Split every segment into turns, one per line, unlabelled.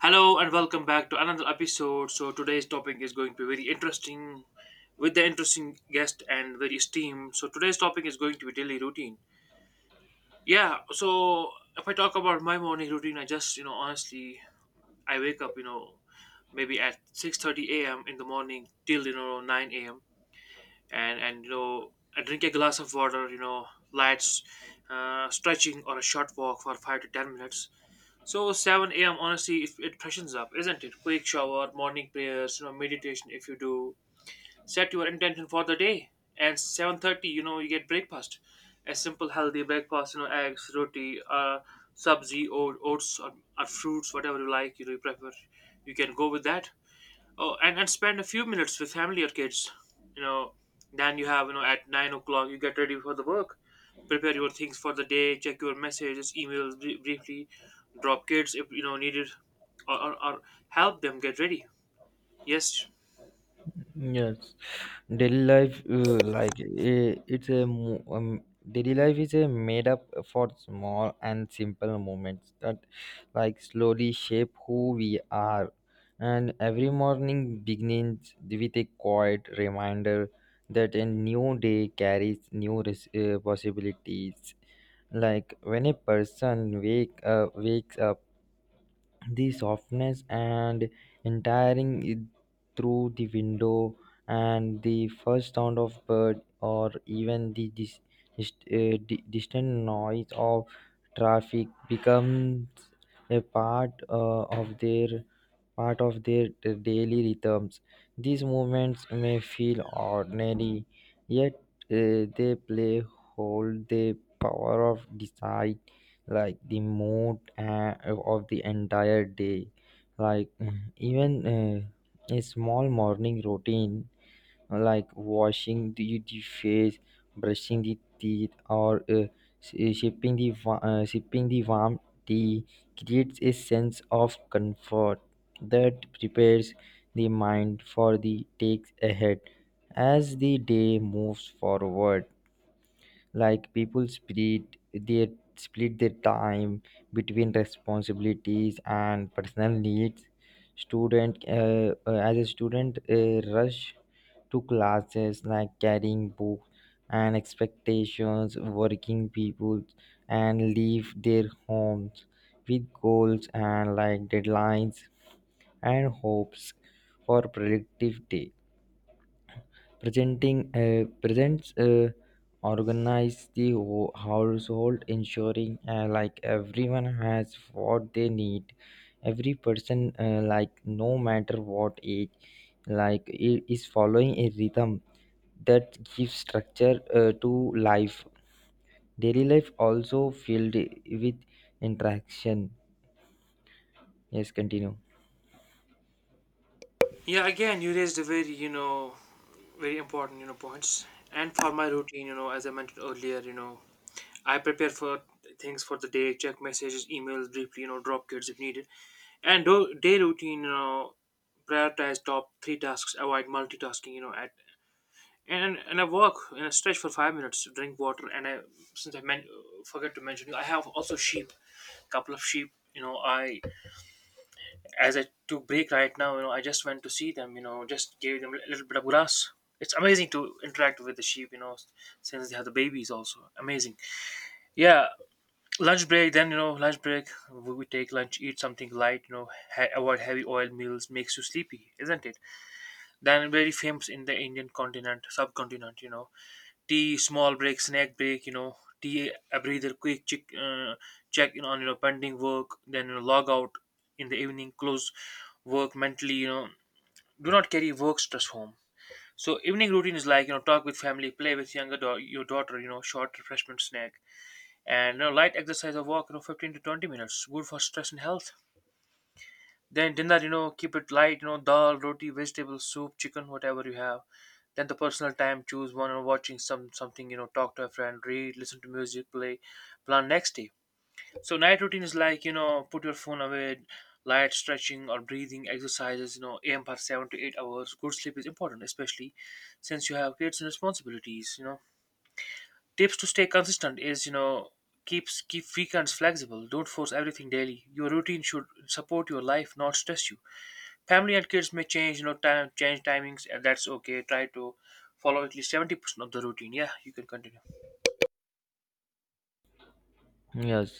Hello and welcome back to another episode. So today's topic is going to be very interesting with the interesting guest and very esteemed. So today's topic is going to be daily routine. Yeah, so if I talk about my morning routine, I just, honestly, I wake up, maybe at 6:30 AM in the morning till, nine AM. And I drink a glass of water, lights, stretching or a short walk for 5 to 10 minutes. So 7 a.m., honestly, it freshens up, isn't it? Quick shower, morning prayers, meditation if you do. Set your intention for the day. And 7:30, you get breakfast. A simple healthy breakfast, eggs, roti, sabzi, or oats, or fruits, whatever you like, you prefer. You can go with that. Oh, and spend a few minutes with family or kids. You know, then you have, at 9 o'clock, you get ready for the work, prepare your things for the day, check your messages, emails briefly, drop kids if needed, or help them get ready. Yes,
Yes, daily life daily life is a made up for small and simple moments that like slowly shape who we are, and every morning begins with a quiet reminder that a new day carries new possibilities. Like when a person wakes up the softness and entering it through the window and the first sound of bird or even the distant noise of traffic becomes a part of their part of their daily rhythms. These movements may feel ordinary, yet they play hold the power of desire, like the mood of the entire day. Like even a small morning routine like washing the face, brushing the teeth, or sipping the warm tea creates a sense of comfort that prepares the mind for the takes ahead. As the day moves forward, like people their split their time between responsibilities and personal needs. Student uh, uh, as a student uh, rush to classes like carrying books and expectations. Working people and leave their homes with goals and like deadlines and hopes for productive day. Presenting Presents organize the household, ensuring like everyone has what they need. Every person, like no matter what age, like is following a rhythm that gives structure to life. Daily life also filled with interaction. Yes, continue.
yeah. Again, you raised a very very important points. And for my routine, as I mentioned earlier, I prepare for things for the day, check messages, emails briefly, drop kids if needed, and do day routine, prioritize top three tasks, avoid multitasking, you know, at and I walk and I stretch for 5 minutes, drink water, and I, since I men- forget to mention you, I have also sheep, couple of sheep. I, as I took break right now, I just went to see them. Just gave them a little bit of grass. It's amazing to interact with the sheep. Since they have the babies, also amazing. Yeah, lunch break. Then, lunch break. We take lunch, eat something light. Avoid heavy oil meals, makes you sleepy, isn't it? Then very famous in the Indian continent, subcontinent. Tea, small break, snack break, tea, a breather, quick check, check in on pending work, then log out in the evening, close work mentally, do not carry work stress home. So evening routine is like, you know, talk with family, play with younger your daughter, short refreshment snack, and light exercise or walk, 15 to 20 minutes, good for stress and health. Then dinner, keep it light, dal, roti, vegetable, soup, chicken, whatever you have. Then the personal time, choose one or watching something, talk to a friend, read, listen to music, play, plan next day. So night routine is like, put your phone away, light stretching or breathing exercises, aim for 7 to 8 hours. Good sleep is important, especially since you have kids and responsibilities. Tips to stay consistent is, keep weekends flexible. Don't force everything daily. Your routine should support your life, not stress you. Family and kids may change, time change timings, and that's okay. Try to follow at least 70% of the routine. Yeah, you can continue.
Yes,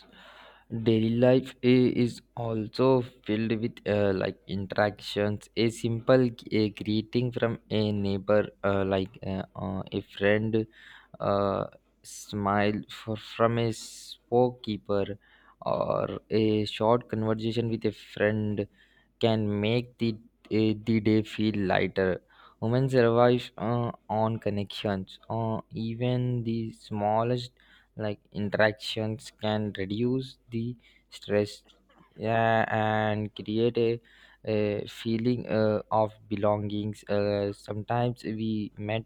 daily life is also filled with like interactions. A simple a greeting from a neighbor, a friend, uh, smile from a shopkeeper, or a short conversation with a friend can make the day feel lighter. Women survive on connections. Even the smallest like interactions can reduce the stress, yeah, and create a feeling of belongings. Sometimes we met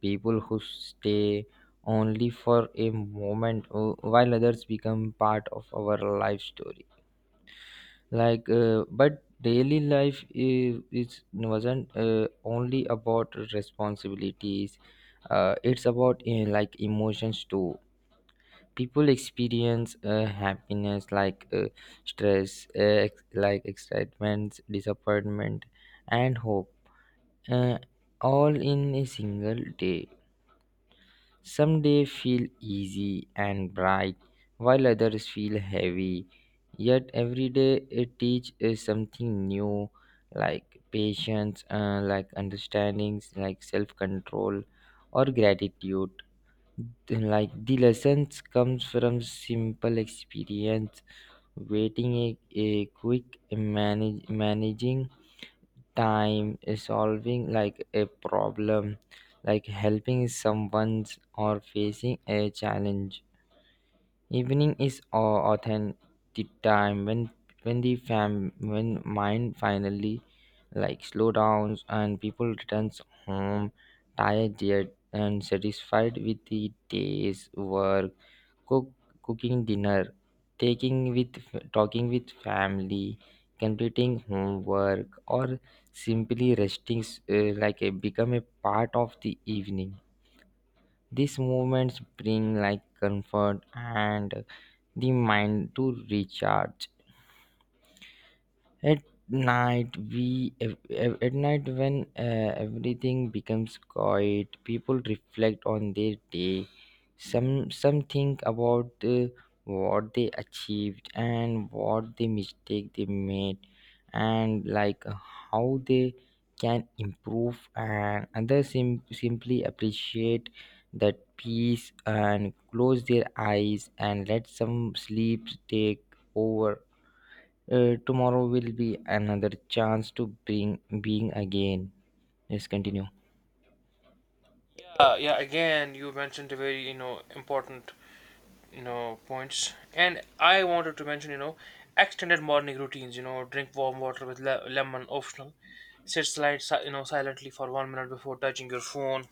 people who stay only for a moment, while others become part of our life story. Like but daily life is wasn't only about responsibilities. It's about like emotions too. People experience happiness, stress, like excitement, disappointment, and hope, uh, all in a single day. Some days feel easy and bright, while others feel heavy, yet every day it teaches something new, like patience, like understandings, like self-control or gratitude. Like the lessons comes from simple experience, waiting a quick, managing time, solving like a problem, like helping someone, or facing a challenge. Evening is authentic time when the fam when mind finally like slow downs and people returns home tired, yet and satisfied with the day's work. cook Cooking dinner, taking with talking with family, completing homework, or simply resting become a part of the evening. These moments bring like comfort and the mind to recharge. At night we ev- ev- At night, when everything becomes quiet, people reflect on their day. Some think about what they achieved and what the mistake they made, and like how they can improve, and others simply appreciate that peace and close their eyes and let some sleep take over. Tomorrow will be another chance to bring being again. Let's continue.
Yeah, yeah. Again, you mentioned a very important points, and I wanted to mention extended morning routines. Drink warm water with lemon optional. Sit slide si- you know silently for 1 minute before touching your phone.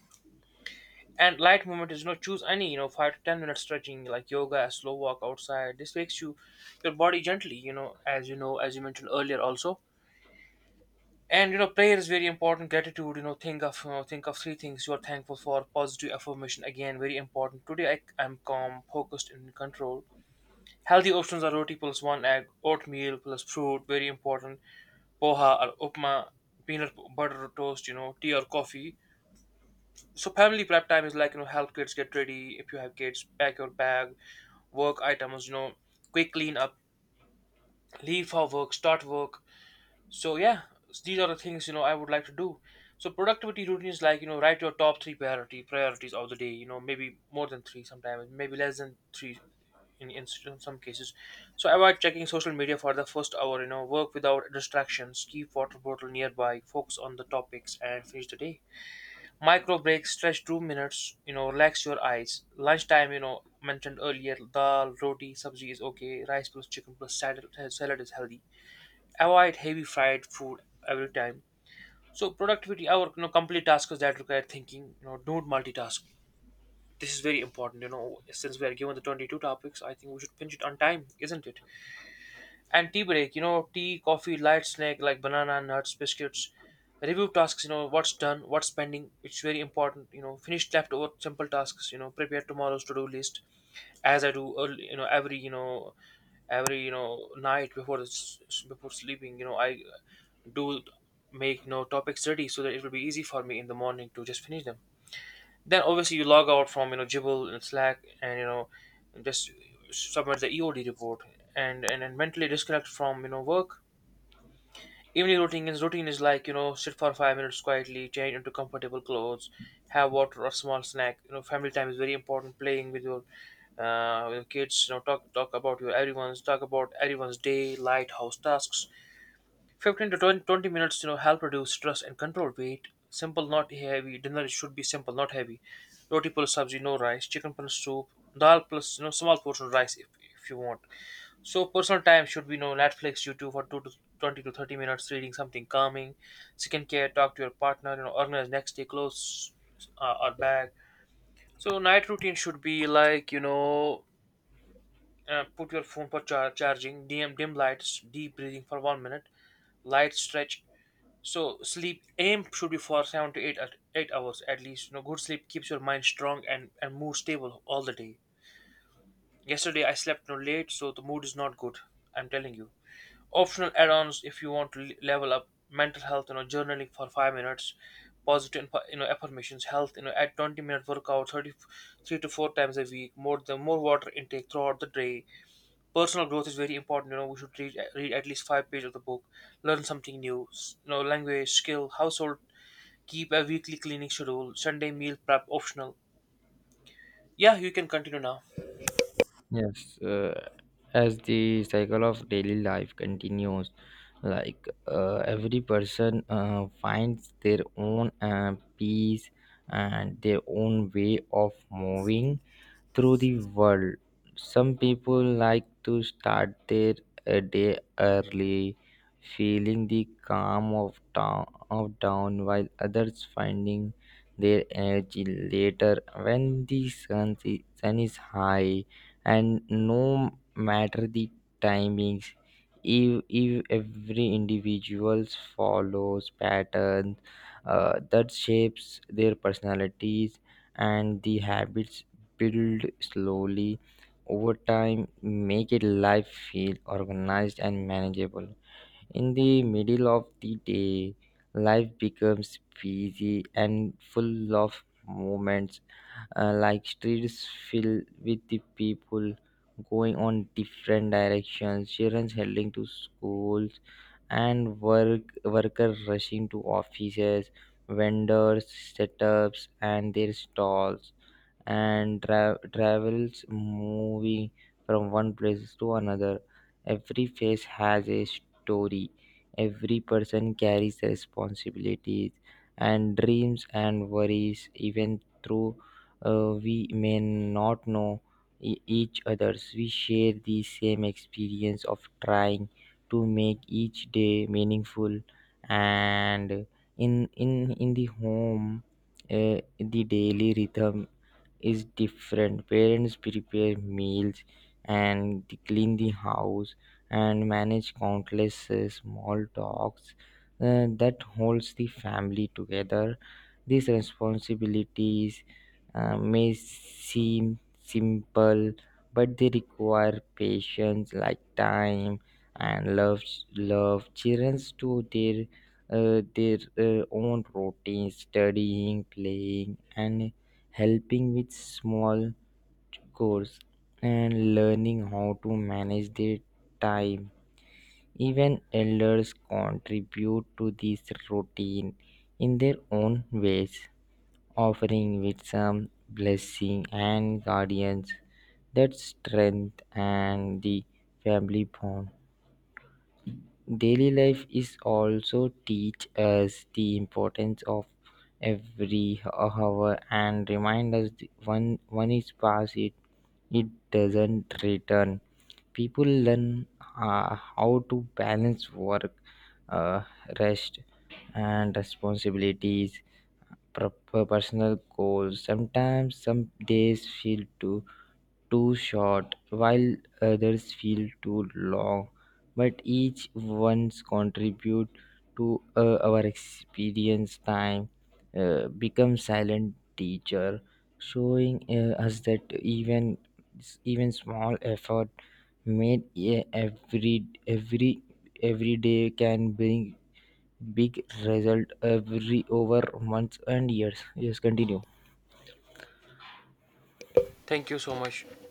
And light movement is, choose any, 5 to 10 minute stretching like yoga, a slow walk outside. This wakes your body gently. As you mentioned earlier also, and prayer is very important. Gratitude, think of three things you are thankful for. Positive affirmation again very important: today I am calm, focused and in control. Healthy options are roti plus one egg, oatmeal plus fruit very important, poha or upma, peanut butter toast, tea or coffee. So family prep time is like, help kids get ready if you have kids, pack your bag, work items, quick clean up, leave for work, start work. So yeah, these are the things I would like to do. So productivity routines, like, write your top three priority priorities of the day. Maybe more than three sometimes, maybe less than three in some cases. So avoid checking social media for the first hour. Work without distractions. Keep water bottle nearby. Focus on the topics and finish the day. Micro breaks, stretch 2 minutes. Relax your eyes. Lunchtime: mentioned earlier, dal, roti, sabzi is okay. Rice plus chicken plus salad is healthy, avoid heavy fried food every time. So productivity, our, complete tasks that require thinking, don't multitask. This is very important. Since we are given the 22 topics, I think we should pinch it on time, isn't it? And tea break, tea, coffee, light snack like banana, nuts, biscuits. Review tasks, what's done, what's pending, which is very important. Finish leftover simple tasks. Prepare tomorrow's to-do list as I do early, every every night before this, before sleeping. I do make topics ready so that it will be easy for me in the morning to just finish them. Then obviously you log out from Jibble and Slack, and just submit the EOD report, and mentally disconnect from work. Evening routine is like, sit for 5 minutes quietly, change into comfortable clothes, have water or small snack. Family time is very important. Playing with your kids, talk about everyone's day, light house tasks 15 to 20 minutes, help reduce stress and control weight. Simple, not heavy. Dinner should be simple, not heavy. Roti plus sabzi, no rice. Chicken plus soup. Dal plus, small portion of rice if you want. So personal time should be no Netflix, YouTube for 2 to 20 to 30 minutes, reading something calming. Skincare, talk to your partner, organize next day clothes or bag. So night routine should be like, put your phone for charging, dim lights, deep breathing for 1 minute, light stretch, so sleep aim should be for seven to eight at 8 hours at least. Good sleep keeps your mind strong, and mood stable all the day. Yesterday I slept no late, so the mood is not good. I'm telling you. Optional add-ons if you want to level up mental health. Journaling for 5 minutes, positive affirmations, health. You know, at 20 minute workout, thirty three to four times a week. More the more water intake throughout the day. Personal growth is very important. We should read at least five pages of the book, learn something new. Language, skill, household, keep a weekly cleaning schedule, Sunday meal prep optional. Yeah, you can continue now.
Yes, as the cycle of daily life continues, like every person finds their own peace and their own way of moving through the world. Some people like to start their day early, feeling the calm of town of dawn, while others finding their energy later when sun is high, and no matter the timings. If every individual follows patterns that shapes their personalities, and the habits build slowly over time, make it life feel organized and manageable. In the middle of the day, life becomes busy and full of moments, like streets filled with the people going on different directions, children heading to schools, and workers rushing to offices, vendors setups and their stalls, and travels moving from one place to another. Every face has a story. Every person carries responsibilities and dreams and worries, even though we may not know each other's. We share the same experience of trying to make each day meaningful. And in the home, the daily rhythm is different. Parents prepare meals and clean the house and manage countless small talks that holds the family together. These responsibilities may seem simple, but they require patience, like time and love. Love children to their own routine, studying, playing, and helping with small chores, and learning how to manage their time. Even elders contribute to this routine in their own ways, offering wisdom, blessing, and guardians that strength and the family bond. Daily life is also teach us the importance of every hour and remind us one is past it. It doesn't return. People learn how to balance work, uh, rest, and responsibilities, proper personal goals. Sometimes some days feel too short, while others feel too long. But each one's contribute to our experience time become silent teacher, showing us that even small effort made uh, every day can bring big result every over months and years. Yes, continue.
Thank you so much. Thank you so much.